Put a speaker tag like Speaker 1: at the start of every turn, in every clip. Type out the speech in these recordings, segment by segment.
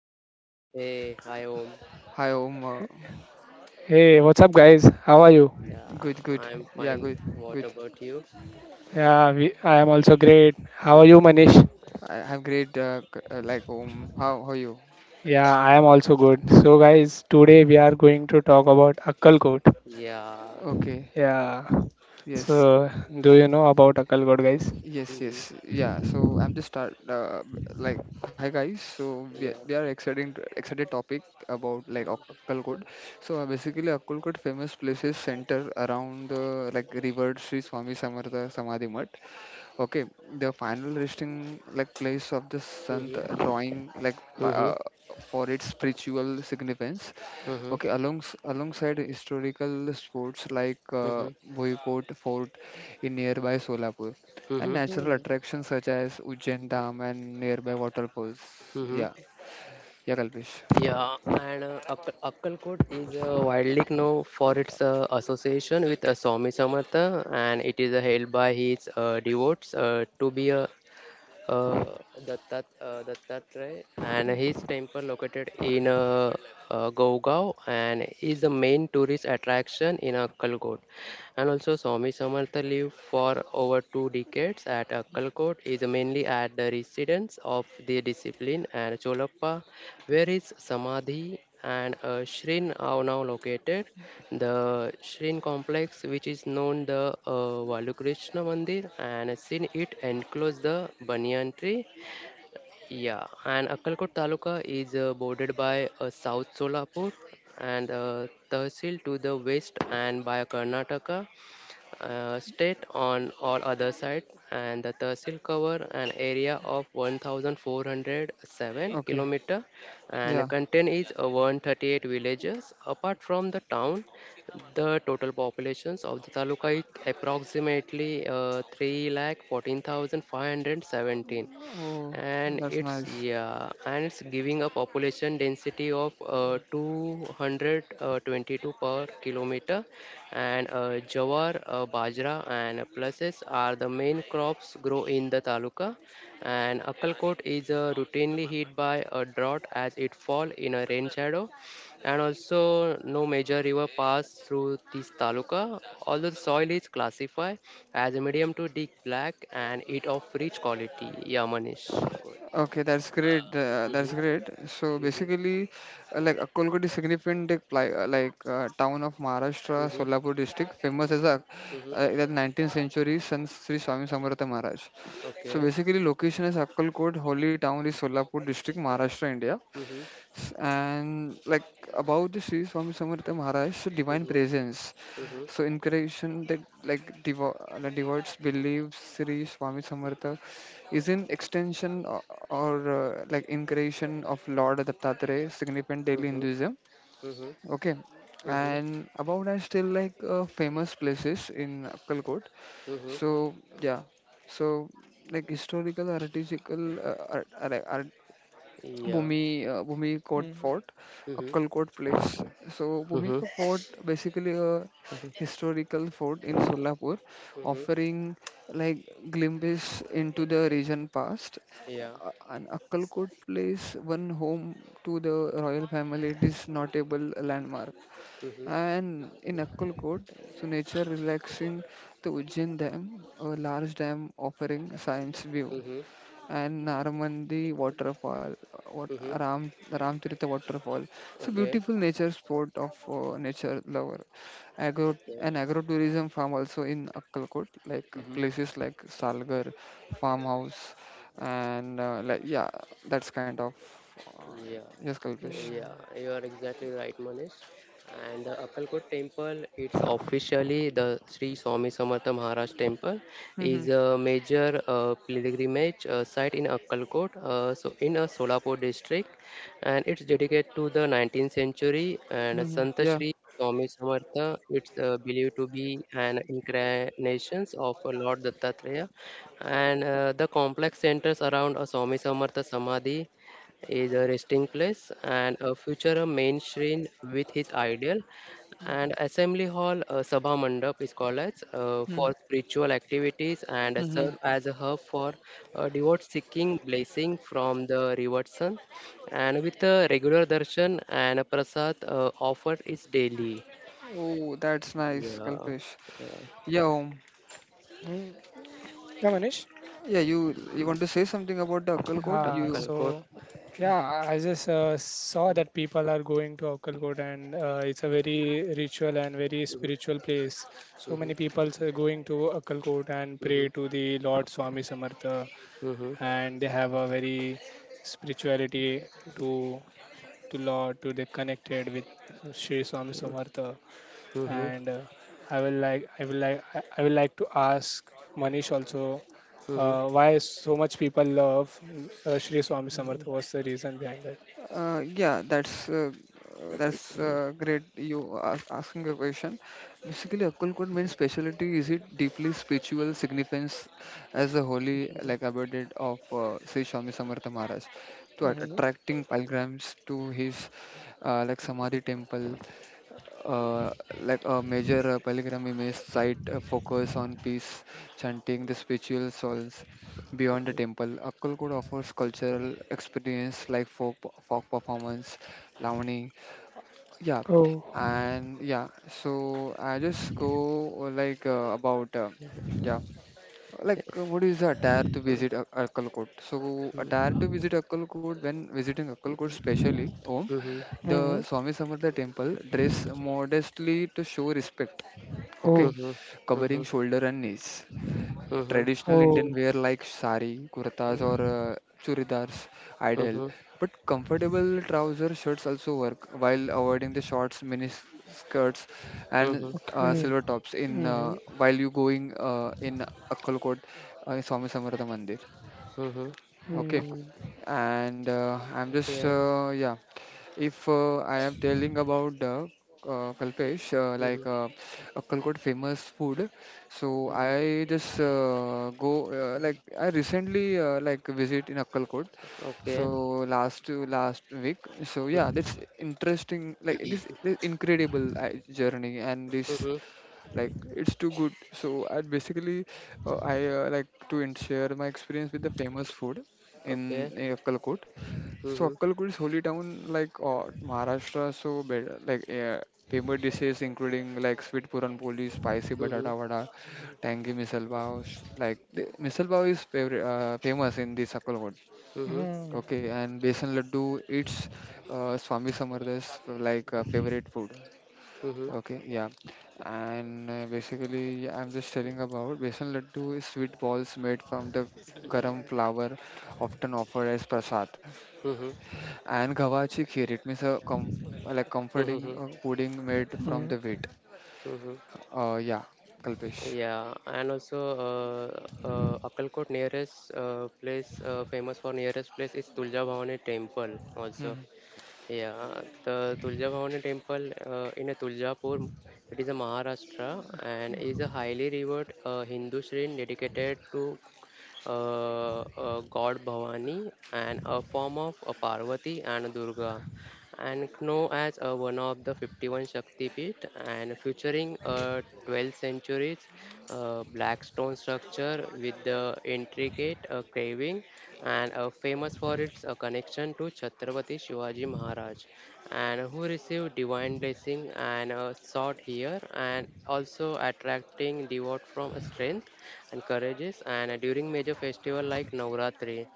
Speaker 1: Kalpesh.
Speaker 2: Hey, hi, Om.
Speaker 3: Hi Om,
Speaker 1: Hey, what's up, guys? How are you?
Speaker 2: Yeah,
Speaker 3: good, good.
Speaker 2: I'm
Speaker 3: Yeah,
Speaker 2: fine.
Speaker 3: good,
Speaker 2: What
Speaker 3: good.
Speaker 2: about you?
Speaker 1: I am also great. How are
Speaker 2: Mhm.
Speaker 1: you, Manish?
Speaker 3: I have great, like Om. How are you?
Speaker 1: Yeah, I am also good. So, guys, today we are going to talk about Akkalkot.
Speaker 2: Yeah.
Speaker 3: Okay.
Speaker 1: Yeah.
Speaker 3: Yes,
Speaker 1: So, do you know about Akkalkot, guys?
Speaker 3: yes,
Speaker 2: Mm-hmm.
Speaker 3: yes. Yeah. So I'm just start like hi guys. So we are,
Speaker 2: Yeah.
Speaker 3: we are exciting excited topic about like Akkalkot. So basically Akkalkot famous places center around the like revered Sri Swami Samartha Samadhi Math. Okay, the final resting like place of the Sant
Speaker 2: Mm-hmm.
Speaker 3: drawing like
Speaker 2: Mm-hmm.
Speaker 3: for its spiritual significance.
Speaker 2: Mm-hmm.
Speaker 3: Okay, alongside historical sports like
Speaker 2: Mm-hmm.
Speaker 3: Boycott Fort in nearby Solapur and
Speaker 2: Mm-hmm.
Speaker 3: natural attractions such as Ujjain Dam and nearby waterfalls.
Speaker 2: Mm-hmm.
Speaker 3: Yeah, yeah, Kalpesh.
Speaker 2: Yeah, and Akkalkot is widely known for its association with Swami Samartha, and it is held by his devotees to be a uh, Dattatreya and his temple located in Gaogao and is the main tourist attraction in Kalgot. And also, Swami Samartha lived for over two decades at Akkalkot, is mainly at the residence of the discipline and Cholappa, where his Samadhi and Shrin are now located. The Shrin complex, which is known the Valukrishna Mandir, and seen it enclose the banyan tree. Yeah, and Akkalkot Taluka is bordered by South Solapur and Tehsil to the west, and by Karnataka state on all other side, and the tehsil cover an area of 1407
Speaker 3: Okay,
Speaker 2: kilometer
Speaker 3: yeah.
Speaker 2: and contain is 138 villages apart from the town. The total populations of the taluka is approximately 3 lakh 14,517,
Speaker 3: Oh,
Speaker 2: and
Speaker 3: that's
Speaker 2: it's
Speaker 3: nice.
Speaker 2: yeah and it's giving a population density of 222 per kilometer. And jawar bajra and pulses are the main crops grow in the taluka, and akalkot is routinely hit by a drought as it fall in a rain shadow, and also no major river pass through this taluka. Although the soil is classified as a medium to deep black and it of rich quality. Yeah, Manish. Good.
Speaker 3: Okay, that's great. That's
Speaker 2: Mhm,
Speaker 3: great. So
Speaker 2: mhm,
Speaker 3: basically, like Akkolkot is significant like town of Maharashtra,
Speaker 2: mhm,
Speaker 3: Solapur district, famous as a
Speaker 2: mhm.
Speaker 3: that 19th century San Sri Swami Samartha Maharaj. So
Speaker 2: Okay.
Speaker 3: basically, location is Akkolkot, holy town is Solapur district, Maharashtra, India.
Speaker 2: Mhm,
Speaker 3: And like about the Sri Swami Samartha Maharaj, so divine
Speaker 2: mhm,
Speaker 3: presence.
Speaker 2: mhm,
Speaker 3: So in creation that like devotees believe Sri Swami Samartha is an extension or like incarnation of Lord Dattatreya, significant daily
Speaker 2: mhm,
Speaker 3: Hinduism.
Speaker 2: mhm,
Speaker 3: Okay.
Speaker 2: mhm,
Speaker 3: And about that still like famous places in Akkalkot.
Speaker 2: mhm.
Speaker 3: So yeah. So like historical, artistical, art,
Speaker 2: Yeah.
Speaker 3: Bhumikot Fort,
Speaker 2: Mhm,
Speaker 3: Akkalkot Place. So
Speaker 2: mhm,
Speaker 3: Bhumika Fort basically a
Speaker 2: mhm,
Speaker 3: historical fort in Solapur,
Speaker 2: mhm.
Speaker 3: offering like glimpses into the region past.
Speaker 2: Yeah.
Speaker 3: And Akkalkot Place, one home to the royal family, it is notable landmark.
Speaker 2: Mhm,
Speaker 3: And in Akkalkot, so nature relaxing the Ujjain Dam, a large dam offering science view
Speaker 2: mhm,
Speaker 3: and Naramandi waterfall, what
Speaker 2: mhm.
Speaker 3: Ramtirtha waterfall. So
Speaker 2: Okay.
Speaker 3: beautiful nature sport of nature lover. Agro
Speaker 2: Okay.
Speaker 3: and agrotourism farm also in Akkalkot, like
Speaker 2: Mhm.
Speaker 3: places like Salgar farmhouse and like yeah, that's kind of
Speaker 2: Yeah,
Speaker 3: yes, Kalpesh.
Speaker 2: yeah, you are exactly right, Manish. And the Akkalkot temple, it's officially the Sri Swami Samartha Maharaj temple,
Speaker 3: Mm-hmm.
Speaker 2: is a major pilgrimage site in Akkalkot, so in a Solapur district, and it's dedicated to the 19th century and
Speaker 3: Mm-hmm.
Speaker 2: Sant
Speaker 3: Yeah.
Speaker 2: Sri Swami Samartha. It's believed to be an incarnation of Lord Dattatreya, and the complex centers around a Swami Samartha Samadhi, is a resting place and a future a mainstream with his ideal and assembly hall, sabha mandap is called as for spiritual activities and
Speaker 3: Mm-hmm.
Speaker 2: serve as a hub for devotees seeking blessing from the revered sun, and with a regular darshan and a prasad offered is daily.
Speaker 3: Oh, that's nice,
Speaker 2: Yeah,
Speaker 3: Kalpesh.
Speaker 2: yeah.
Speaker 3: Yeah,
Speaker 1: Mm-hmm. Yeah, Manish.
Speaker 3: yeah. You
Speaker 2: Mm,
Speaker 3: want to say something about the Akkalkot?
Speaker 1: Yeah,
Speaker 3: You
Speaker 1: so
Speaker 2: Akkalkot.
Speaker 1: yeah, I just saw that people are going to Akkalkot, and it's a very ritual and very
Speaker 2: Mhm,
Speaker 1: spiritual place. So
Speaker 2: mhm,
Speaker 1: many people are going to Akkalkot and
Speaker 2: mhm,
Speaker 1: pray to the Lord Swami Samartha,
Speaker 2: mhm, mhm,
Speaker 1: and they have a very spirituality to to Lord to they connected with Sri Swami Samartha.
Speaker 2: mhm,
Speaker 1: And I will like I will like I will like to ask Manish also
Speaker 2: mhm, mhm,
Speaker 1: why so much people love Shri Swami Samartha. What's the reason behind that?
Speaker 3: Yeah, that's great. You are asking a question. Basically, Akal Kot means speciality is it deeply spiritual significance as a holy, like abided of Sri Swami Samartha Maharaj, to
Speaker 1: Hmm.
Speaker 3: attracting pilgrims to his like Samadhi temple, uh, like a major pilgrimage site focus on peace, chanting the spiritual souls. Beyond the temple, Akkalkod offers cultural experience like folk performance, lavani. Yeah,
Speaker 1: Oh.
Speaker 3: and yeah, so I just go like about yeah, like what is the attire to visit Akkalkod? So
Speaker 2: mhm,
Speaker 3: attire to visit Akkalkod when visiting Akkalkod, specially Om,
Speaker 2: mhm.
Speaker 3: the
Speaker 1: Hmm.
Speaker 3: Swami Samartha temple dress modestly to show respect.
Speaker 2: Hı
Speaker 3: Okay,
Speaker 1: Oh.
Speaker 2: hı. Hı
Speaker 3: covering
Speaker 2: hı.
Speaker 3: shoulder and knees
Speaker 2: Hı hı.
Speaker 3: traditional Indian
Speaker 1: Oh.
Speaker 3: wear like sari, kurtas, or churidars
Speaker 2: Hı
Speaker 3: ideal.
Speaker 2: hı.
Speaker 3: But comfortable trouser shirts also work while avoiding the shorts, mini skirts,
Speaker 2: Hı
Speaker 3: and
Speaker 2: hı.
Speaker 1: Okay.
Speaker 3: silver tops in
Speaker 1: Hmm.
Speaker 3: while you going in Akkalkot, Swami Samartha Mandir.
Speaker 2: Hı hı.
Speaker 3: Okay,
Speaker 1: Mm.
Speaker 3: and I'm just
Speaker 2: Okay.
Speaker 3: yeah, if I am telling about the Kalpesh,
Speaker 2: Hı
Speaker 3: like
Speaker 2: hı.
Speaker 3: Kalkot famous food. So
Speaker 2: Hı
Speaker 3: I
Speaker 2: hı.
Speaker 3: just go like I recently like visit in Akkalkot. So
Speaker 2: Okay.
Speaker 3: last to last week. So yeah, that's interesting. Like this is it is incredible journey, and this
Speaker 2: Hı hı.
Speaker 3: like it's too good. So I basically I like to share my experience with the famous food
Speaker 2: Okay.
Speaker 3: in Akkalkot.
Speaker 2: Hı
Speaker 3: So
Speaker 2: hı.
Speaker 3: Akkalkot is holy town like Maharashtra. So better like famous dishes including like sweet puran poli, spicy
Speaker 2: Hı
Speaker 3: batata
Speaker 2: hı.
Speaker 3: vada, tangy misal pav. Like misal pav is favorite, famous in this Akkalkot.
Speaker 2: Hı hı.
Speaker 3: Okay,
Speaker 1: Mm.
Speaker 3: and besan laddu it's Swami Samarthas like favorite food.
Speaker 2: Hı hı.
Speaker 3: Okay, yeah. And basically, I'm just telling about besan laddu is sweet balls made from the garam flour, often offered as prasad.
Speaker 2: Hı hı.
Speaker 3: And gavachi kheer, it means a com like
Speaker 2: Hı
Speaker 3: comforting
Speaker 2: hı.
Speaker 3: pudding made from
Speaker 1: Mm.
Speaker 3: the wheat.
Speaker 2: Hı hı.
Speaker 3: Yeah, Kalpesh.
Speaker 2: Yeah, and also Akkalkot nearest place famous for nearest place is Tulja Bhavani temple also.
Speaker 3: Hmm.
Speaker 2: Yeah, the Tulja Bhavani temple in a Tuljapur, it is a Maharashtra, and is a highly revered Hindu shrine dedicated to god Bhavani and a form of Parvati and Durga, and known as one of the 51 Shakti Pit, and featuring a 12th century black stone structure with the intricate carving, and famous for its connection to Chhatrapati Shivaji Maharaj, and who received divine blessing and sought here, and also attracting devote from strength and courageous and during major festival like Navratri.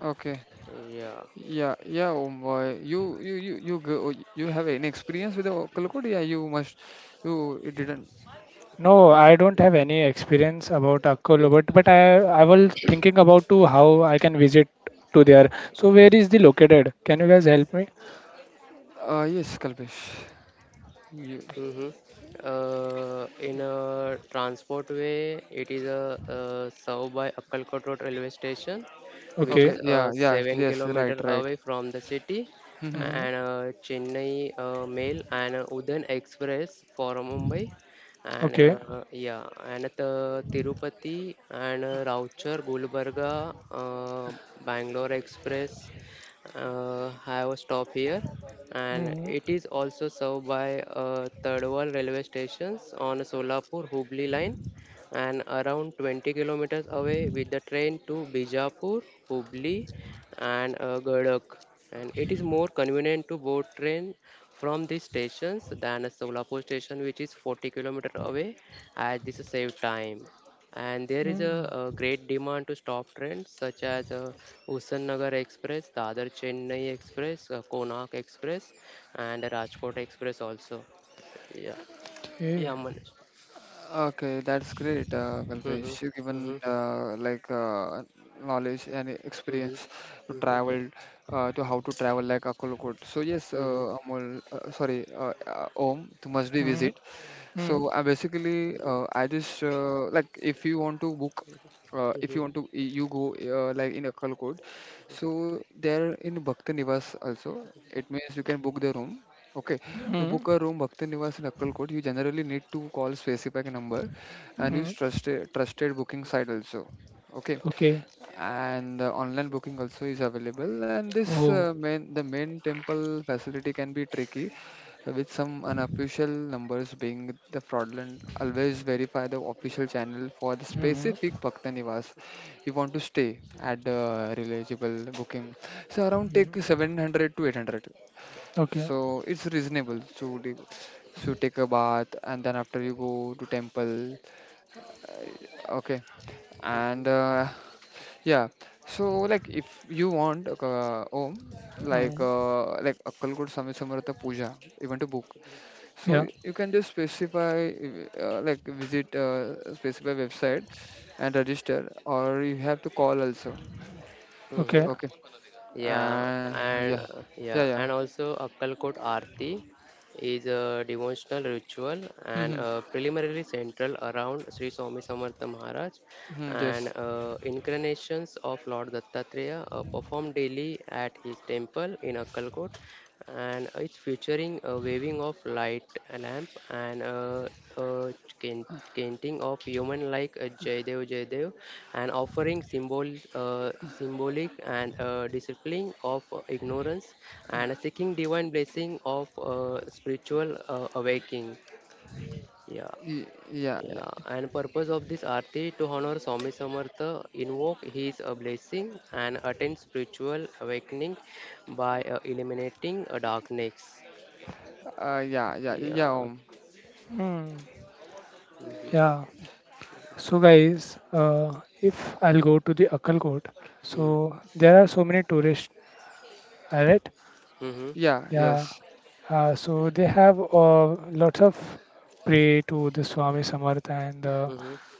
Speaker 3: Okay.
Speaker 2: Yeah.
Speaker 3: Yeah, yeah. You have any experience with the kalkut? Yeah, you must. You, it didn't.
Speaker 1: No,
Speaker 3: You,
Speaker 1: I don't have any experience about Akolo, but but I was thinking about to how I can visit to there. So where is the located? Can you guys help me?
Speaker 3: yes, Kalpesh. You,
Speaker 2: Mm-hmm. In a transport way, it is a served by Akkalkot Road railway station, which
Speaker 1: Okay.
Speaker 3: okay.
Speaker 2: is
Speaker 3: Yeah. Yes.
Speaker 2: seven
Speaker 3: Yes. Right.
Speaker 2: kilometer
Speaker 3: Right.
Speaker 2: away from the city,
Speaker 3: Mm-hmm.
Speaker 2: and Chennai Mail and Udan Express for Mumbai, and
Speaker 1: Okay.
Speaker 2: uh, yeah, and at, Tirupati and Rauchar, Gulbarga, Bangalore Express have a stop here, and
Speaker 1: Mm,
Speaker 2: it is also served by Tadwal railway stations on Solapur Hubli line and around 20 kilometers away with the train to Bijapur, Hubli and Gadak. And it is more convenient to board train from these stations than a Solapur station, which is 40 kilometers away, as this save time. And there is
Speaker 1: mm,
Speaker 2: a great demand to stop trains such as Nagar Express, Dadar Chennai Express, Konark Express, and Rajkot Express also. Yeah, yeah,
Speaker 1: okay.
Speaker 2: Manish.
Speaker 3: Okay, that's great, Kalpesh.
Speaker 2: Mm-hmm,
Speaker 3: You given
Speaker 2: mm-hmm,
Speaker 3: like knowledge and
Speaker 2: mm-hmm,
Speaker 3: experience to
Speaker 2: mm-hmm,
Speaker 3: travel, to how to travel like Akolkot. So yes,
Speaker 2: mm-hmm,
Speaker 3: Amol, sorry, Om, you must be
Speaker 1: Mm,
Speaker 3: visit.
Speaker 1: mm,
Speaker 3: So I basically I just like if you want to book, if you want to
Speaker 2: mm-hmm,
Speaker 3: you go like in Akkal Code. So there in Bhakti Niwas also it means you can book the room. Okay, to
Speaker 1: mm,
Speaker 3: book a room Bhakti Niwas in Akkal Code, you generally need to call specific number and use
Speaker 1: mm,
Speaker 3: trusted booking site also. Okay,
Speaker 1: okay.
Speaker 3: and online booking also is available, and this
Speaker 1: Oh.
Speaker 3: main the main temple facility can be tricky with some unofficial numbers being the fraudulent. Always verify the official channel for the
Speaker 1: Mm,
Speaker 3: specific Bhakta Niwas you want to stay at the reliable booking. So around take
Speaker 1: mm,
Speaker 3: 700 to 800.
Speaker 1: okay.
Speaker 3: So it's reasonable to so take a bath and then after you go to temple. Okay, and
Speaker 2: mm-hmm.
Speaker 3: uh, yeah, so like if you want, Om,
Speaker 1: Mm,
Speaker 3: like akkalkot swami samartha puja you want to book, so
Speaker 1: yeah.
Speaker 3: you can just specify, like visit a specify website and register, or you have to call also.
Speaker 2: Mm-hmm.
Speaker 1: Okay.
Speaker 3: Okay.
Speaker 2: Yeah,
Speaker 3: Uh,
Speaker 2: and
Speaker 3: yeah,
Speaker 2: uh,
Speaker 3: yeah,
Speaker 2: yeah,
Speaker 3: yeah.
Speaker 2: and also Akkalkot Aarti is a devotional ritual and
Speaker 3: Mm-hmm.
Speaker 2: preliminary central around Sri Swami Samartha Maharaj
Speaker 3: Mm-hmm, yes.
Speaker 2: and incarnations of Lord Dattatreya performed daily at his temple in Akkalkot, and it's featuring a waving of light lamp and painting of human like Jaidev Jaidev and offering symbol, symbolic and discipline of ignorance, and seeking divine blessing of spiritual awakening. Yeah.
Speaker 3: Yeah, yeah.
Speaker 2: Yeah, and purpose of this arti to honor Swami Samartha, invoke his blessing and attain spiritual awakening by eliminating a darkness.
Speaker 3: Yeah, yeah, yeah.
Speaker 2: Yeah.
Speaker 1: Mm,
Speaker 2: Mm-hmm.
Speaker 1: yeah. So guys, if I'll go to the Akkalkot, so there are so many tourists, alright?
Speaker 2: Mm-hmm.
Speaker 3: Yeah,
Speaker 1: Yeah.
Speaker 3: yes.
Speaker 1: So they have lots of pray to the Swami Samartha, and the
Speaker 2: Mm-hmm.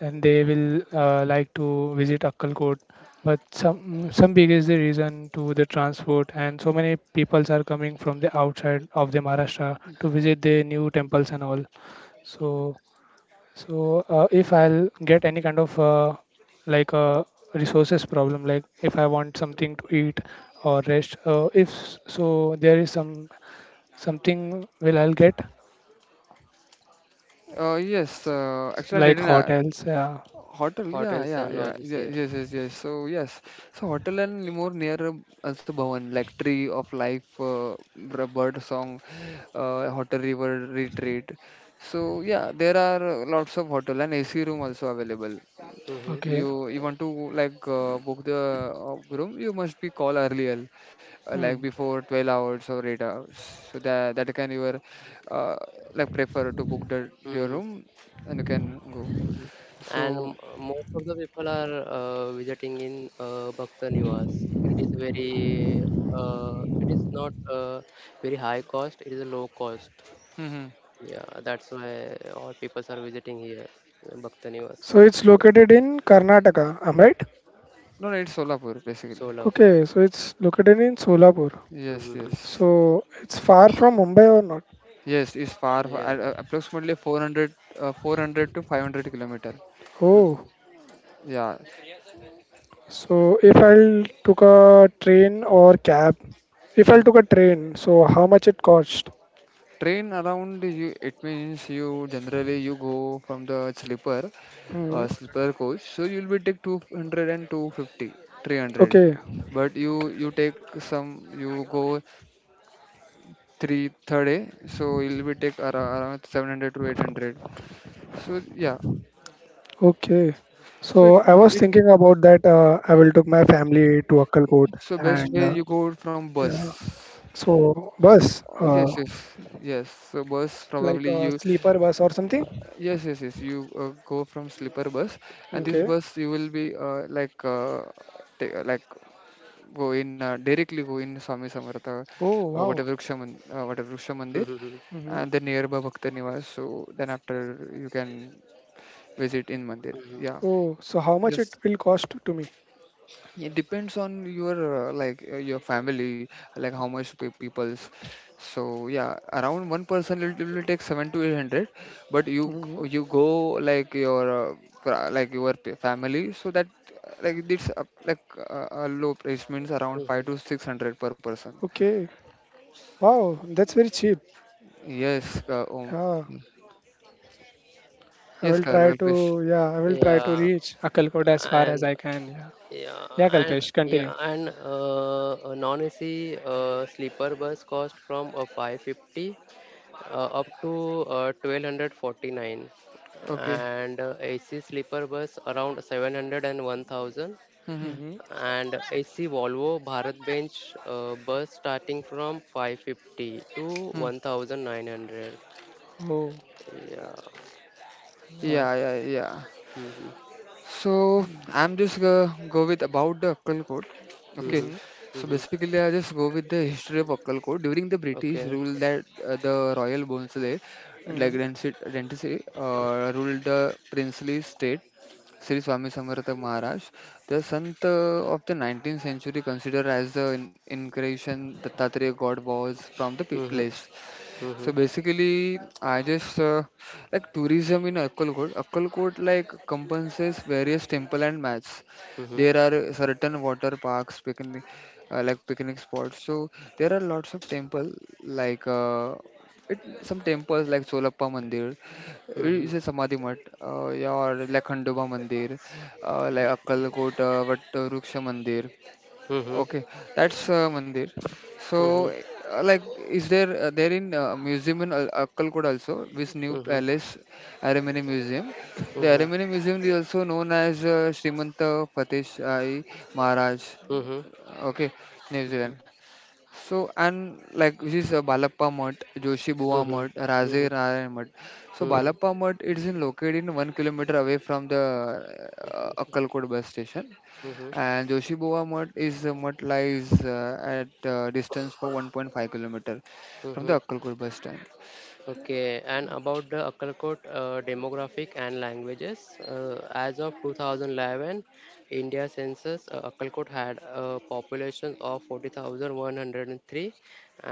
Speaker 1: and they will like to visit Akkalkot. But some big is the reason to the transport, and so many peoples are coming from the outside of the Maharashtra to visit the new temples and all. So so if I'll get any kind of like a resources problem, like if I want something to eat or rest, if s- so there is some something will I'll get
Speaker 3: Yes. Actually, I
Speaker 1: like
Speaker 3: didn't.
Speaker 1: hotels. Yeah.
Speaker 3: Hotel, yeah,
Speaker 2: Hotels
Speaker 3: yeah,
Speaker 2: and
Speaker 3: yeah,
Speaker 2: lodges.
Speaker 3: yeah,
Speaker 2: Yeah.
Speaker 3: yes, yes, yes. So yes, so hotel and more near also Bhavan, like tree of life, bird song, hotel river retreat. So yeah, there are lots of hotel and AC room also available.
Speaker 2: Mhm.
Speaker 1: Okay.
Speaker 3: You want
Speaker 2: Correct.
Speaker 3: to like book the room, you must be call earlier, like
Speaker 1: Hmm.
Speaker 3: before 12 hours or 8 hours. So that can your uh, like prefer to book the your
Speaker 2: Mhm.
Speaker 3: room and you can go.
Speaker 2: Mhm. And
Speaker 3: So.
Speaker 2: most of the people are visiting in Bhakta Niwas. It is very, it is not very high cost. It is a low cost.
Speaker 3: Mm-hmm.
Speaker 2: Yeah, that's why all people are visiting here, Bhakta Niwas,
Speaker 1: So it's located in Karnataka, am I right?
Speaker 3: No, no, it's Solapur basically.
Speaker 2: Solapur.
Speaker 1: Okay, so it's located in Solapur.
Speaker 3: Yes,
Speaker 2: Mm-hmm.
Speaker 3: yes,
Speaker 1: So it's far from Mumbai or not?
Speaker 3: yes. It's far
Speaker 2: Yeah.
Speaker 3: at, approximately 400 to 500 kilometer.
Speaker 2: Mm-hmm.
Speaker 1: Oh,
Speaker 3: Yeah.
Speaker 1: so if I'll took a train or cab, if
Speaker 3: Hmm.
Speaker 1: I took a train, so how much it cost?
Speaker 3: Train around you. It means you generally you go from the
Speaker 1: Hmm.
Speaker 3: sleeper coach. So you'll be take 200 and 250, 300.
Speaker 1: Okay,
Speaker 3: But you take some. You go three third day. So you'll be take around 700 to 800. So yeah.
Speaker 1: okay.
Speaker 3: So it
Speaker 1: So I was
Speaker 3: it
Speaker 1: thinking about that. I will took my family to Akkalkot,
Speaker 3: So best
Speaker 1: and
Speaker 3: way you go from
Speaker 1: yeah.
Speaker 3: bus.
Speaker 1: So bus,
Speaker 3: Yes, yes, yes. So bus
Speaker 1: like
Speaker 3: probably
Speaker 1: a
Speaker 3: you.
Speaker 1: sleeper bus or something.
Speaker 3: Yes, yes, yes. You go from sleeper bus, and this
Speaker 2: Mm-hmm.
Speaker 1: Okay.
Speaker 3: bus you will be like like go in directly go in Swami Samartha,
Speaker 1: Oh wow.
Speaker 3: whatever Vriksha Mandir,
Speaker 2: Mm-hmm.
Speaker 1: Mm-hmm.
Speaker 3: and then nearby Bhakta Niwas. So then after you can visit in Mandir.
Speaker 2: Mm-hmm.
Speaker 3: Yeah.
Speaker 1: Oh, so how much it
Speaker 3: Yes.
Speaker 1: will cost to me?
Speaker 3: It depends on your like your family, like how much people's. So yeah, around one person it will take seven to eight hundred. But
Speaker 1: Hmm.
Speaker 3: you go like your like your family, so that like this like low price means around five to
Speaker 2: Mm-hmm.
Speaker 3: six hundred per person.
Speaker 1: Okay. Wow, that's very cheap.
Speaker 3: Yes,
Speaker 1: Yeah, I
Speaker 3: yes,
Speaker 1: will try
Speaker 3: Kalpesh.
Speaker 1: to. Yeah, I will try to
Speaker 2: Yeah.
Speaker 1: reach Akalkot as far as
Speaker 2: And
Speaker 1: I can. Yeah.
Speaker 2: Yeah,
Speaker 1: Yeah,
Speaker 2: and
Speaker 1: Kalpesh, continue.
Speaker 2: a non-AC sleeper bus cost from 550 up to 1249,
Speaker 3: Okay.
Speaker 2: and AC sleeper bus around 700 and one thousand,
Speaker 3: Mm-hmm.
Speaker 1: Hmm.
Speaker 2: and AC Volvo Bharat Bench bus starting from 550 to
Speaker 3: Mm.
Speaker 2: 1900.
Speaker 1: Oh.
Speaker 2: Yeah.
Speaker 1: Oh.
Speaker 3: Yeah, yeah, yeah.
Speaker 2: Mm-hmm.
Speaker 3: So
Speaker 1: Mm-hmm.
Speaker 3: I'm just gonna go with about the Akkal Code. Okay,
Speaker 2: Mm-hmm.
Speaker 1: Mm-hmm.
Speaker 3: so
Speaker 2: Mm-hmm.
Speaker 3: basically I just go with the history of Akkal Code. During the British
Speaker 2: Okay.
Speaker 3: rule that the Royal Bonsle, like Rensi, ruled the princely state. Sri Swami Samartha Maharaj, the Sant of the 19th century, considered as the incarnation Dattatreya God was from the
Speaker 2: Mm-hmm.
Speaker 3: place.
Speaker 2: Mm-hmm.
Speaker 3: So basically, I just like tourism in Akkalkot. Akkalkot like compensates various temple and mats.
Speaker 2: Mm-hmm.
Speaker 3: There are certain water parks, like picnic spots. So there are lots of temple like some temples like Solappa Mandir, इसे समाधि मठ या और like Khandoba मंदिर like Akkalkot what वृक्ष मंदिर.
Speaker 2: Mm-hmm.
Speaker 3: Okay, that's Mandir. So,
Speaker 2: Mm-hmm.
Speaker 3: like, is there there in museum in Akkalkod also this new
Speaker 2: Mhm.
Speaker 3: palace, Arimony Museum. The
Speaker 2: Mhm.
Speaker 3: Arimony Museum is also known as Srimanta Fateh Shai Maharaj.
Speaker 2: Mhm.
Speaker 3: Okay, New Zealand. So and like this is Balappa Mutt, Joshi Buwa
Speaker 2: Mhm.
Speaker 3: Mutt, Raze
Speaker 2: Mhm.
Speaker 3: Narayan Mutt. So
Speaker 2: Mhm.
Speaker 3: Balappa Mutt it is in located in 1 kilometer away from the Akkalkod bus station,
Speaker 2: Mhm.
Speaker 3: and Joshibuwa Mutt is a mutt lies at distance for 1.5-kilometer from
Speaker 2: Mhm.
Speaker 3: the Akkalkur bus stand.
Speaker 2: Okay, and about the Akkalkot demographic and languages, as of 2011, India census, Akkalkot had a population of 40,103,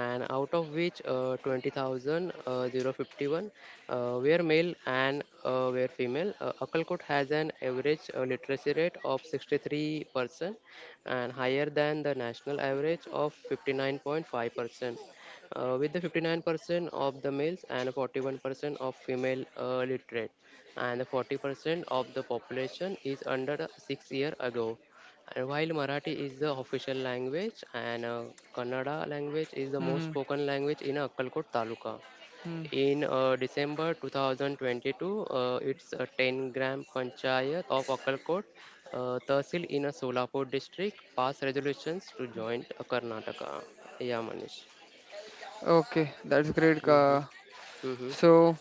Speaker 2: and out of which 20,051 were male and were female. Akkalkot has an average literacy rate of 63%, and higher than the national average of 59.5%, with the 59% of the males and 41% of female literate, and 40% of the population is under 6 year ago. And while marathi is the official language, and kannada language is the
Speaker 3: Hmm.
Speaker 2: most spoken language in akkalkot taluka,
Speaker 3: Hmm.
Speaker 2: in december 2022, it's a 10-gram panchayat of akkalkot tehsil in a solapur district passed resolutions to join karnataka. Yeah, manish.
Speaker 3: Okay, that's great.
Speaker 2: Mhm.
Speaker 3: Ka.
Speaker 2: Mm-hmm.
Speaker 3: So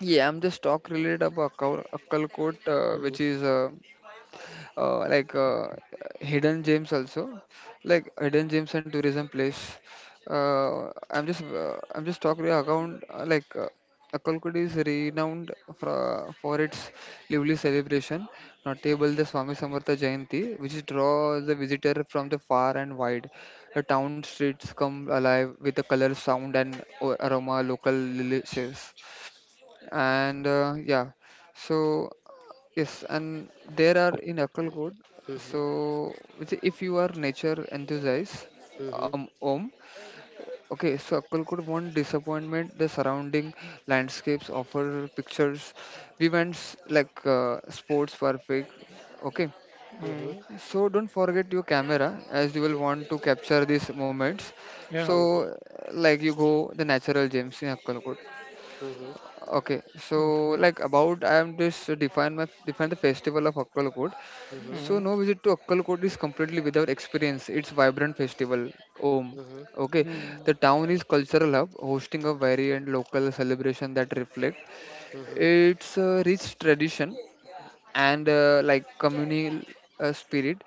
Speaker 3: yeah, I'm just talk related about Akkalkot,
Speaker 2: Mm-hmm.
Speaker 3: which is like hidden gems also like hidden gems and tourism place. I'm just talking account like Akalkudi is renowned for its lively celebration, notable the Swami Samartha Jayanti, which draws the visitor from the far and wide. The town streets come alive with the color, sound, and aroma local lily shares. And yeah, so yes, and there are in Akkalkot.
Speaker 2: Mm-hmm.
Speaker 3: So, which if you are nature enthusiast,
Speaker 2: Mm-hmm.
Speaker 3: Om, okay. So Akkalkot won't disappointment. The surrounding landscapes offer pictures, events like sports perfect. Okay.
Speaker 1: Mm-hmm.
Speaker 3: So don't forget your camera as you will want to capture these moments.
Speaker 1: Yeah.
Speaker 2: Mm-hmm.
Speaker 3: So like you go the natural gems in Akkalkot.
Speaker 2: Mm-hmm. Mm-hmm.
Speaker 3: Okay, so
Speaker 1: Okay.
Speaker 3: like about I am just define my define the festival of Akkalkot.
Speaker 2: Mm-hmm.
Speaker 3: So
Speaker 1: Mm-hmm.
Speaker 3: no visit to Akkalkot is completely without experience. Its vibrant festival, Om.
Speaker 2: Mm-hmm.
Speaker 3: Okay,
Speaker 1: Mm-hmm.
Speaker 3: the town is cultural hub, hosting a variant local celebration that reflect
Speaker 2: Mm-hmm.
Speaker 3: its rich tradition and like communal spirit.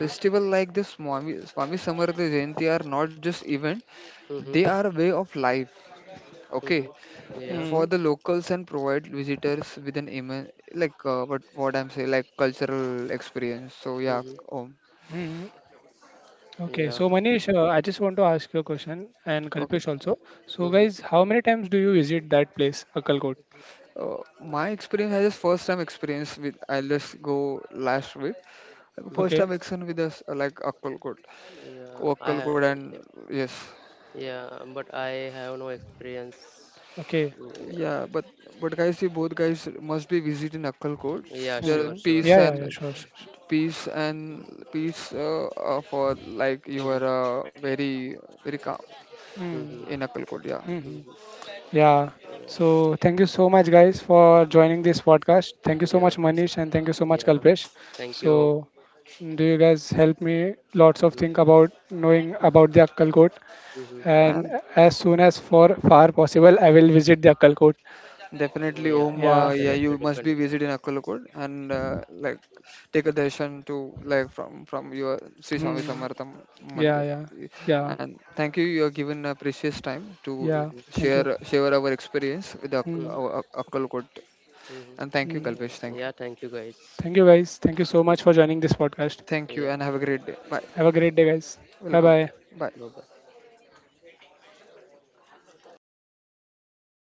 Speaker 3: Festival like the Swami Samartha Jayanti are not just event;
Speaker 2: Mm-hmm. Mm-hmm.
Speaker 3: they are a way of life.
Speaker 2: Mm-hmm.
Speaker 3: Okay,
Speaker 2: Yeah.
Speaker 3: for the locals and provide visitors with an immense like what I'm saying like cultural experience. So yeah,
Speaker 2: Mm-hmm.
Speaker 3: Om.
Speaker 1: Mm-hmm. Okay.
Speaker 2: Yeah.
Speaker 1: So Manish, I just want to ask you a question, and
Speaker 3: Okay.
Speaker 1: Kalpesh also. So
Speaker 2: Mm-hmm.
Speaker 1: guys, how many times do you visit that place, Akalkot?
Speaker 3: My experience, I just first time experience with, I'll just go last week. Like, first
Speaker 1: Okay.
Speaker 2: Mm-hmm.
Speaker 3: time experience with us, like Akkalkot.
Speaker 2: Yeah.
Speaker 3: Akkalkot and, yes.
Speaker 2: Yeah, but I have no experience.
Speaker 1: Okay.
Speaker 2: Yeah.
Speaker 3: Yeah, but guys, you both guys must be visiting Akkalkot.
Speaker 2: Yeah,
Speaker 3: There are
Speaker 2: sure,
Speaker 1: Mm.
Speaker 2: sure,
Speaker 3: peace
Speaker 1: Yeah, yeah,
Speaker 2: Manish.
Speaker 1: yeah,
Speaker 3: and
Speaker 1: sure, sure, sure.
Speaker 3: peace and peace for like you
Speaker 2: Mm-hmm.
Speaker 3: are very calm
Speaker 1: Mm.
Speaker 2: Mm-hmm.
Speaker 3: in Akkalkot, yeah.
Speaker 1: Hmm.
Speaker 2: Mm-hmm.
Speaker 1: Yeah.
Speaker 2: Yeah.
Speaker 1: So thank you so much, guys, for
Speaker 2: Mm-hmm.
Speaker 1: joining this podcast. Thank you so
Speaker 2: Yeah.
Speaker 1: much, Manish, and thank you so much,
Speaker 2: Yeah.
Speaker 1: Kalpesh.
Speaker 2: Thank
Speaker 1: So,
Speaker 2: you.
Speaker 1: do you guys help me lots of think about knowing about the Akkalkot?
Speaker 2: Mm-hmm.
Speaker 1: And
Speaker 3: And.
Speaker 1: as soon as for far possible, I will visit the Akkalkot.
Speaker 3: Definitely,
Speaker 2: Yeah,
Speaker 3: Om.
Speaker 1: Yeah.
Speaker 3: Yeah,
Speaker 2: definitely,
Speaker 3: you must be
Speaker 2: definitely.
Speaker 3: visiting Akkalakod and like take a darshan to like from your Sri Swami
Speaker 1: Mm.
Speaker 3: Samartham
Speaker 1: Yeah,
Speaker 3: Mandir.
Speaker 1: yeah, yeah,
Speaker 3: And thank you. You are given a precious time to
Speaker 1: yeah.
Speaker 2: Mhm.
Speaker 1: Thank
Speaker 3: share
Speaker 1: you.
Speaker 3: share our experience with
Speaker 1: Mm.
Speaker 2: Mhm.
Speaker 3: our Akkalakod.
Speaker 2: Mhm.
Speaker 3: And thank you,
Speaker 1: Mm.
Speaker 3: Kalpesh.
Speaker 2: Yeah.
Speaker 3: Thank
Speaker 2: Yeah,
Speaker 3: you.
Speaker 2: thank you guys.
Speaker 1: Thank you,
Speaker 2: Yeah,
Speaker 1: guys. Thank you so much for joining this podcast.
Speaker 3: Thank you,
Speaker 2: yeah,
Speaker 3: and have a
Speaker 2: yeah.
Speaker 3: great day.
Speaker 2: Yeah.
Speaker 3: Bye.
Speaker 1: Have a great day, guys. Bye
Speaker 3: Welcome.
Speaker 1: bye.
Speaker 3: Bye.
Speaker 2: Bye bye.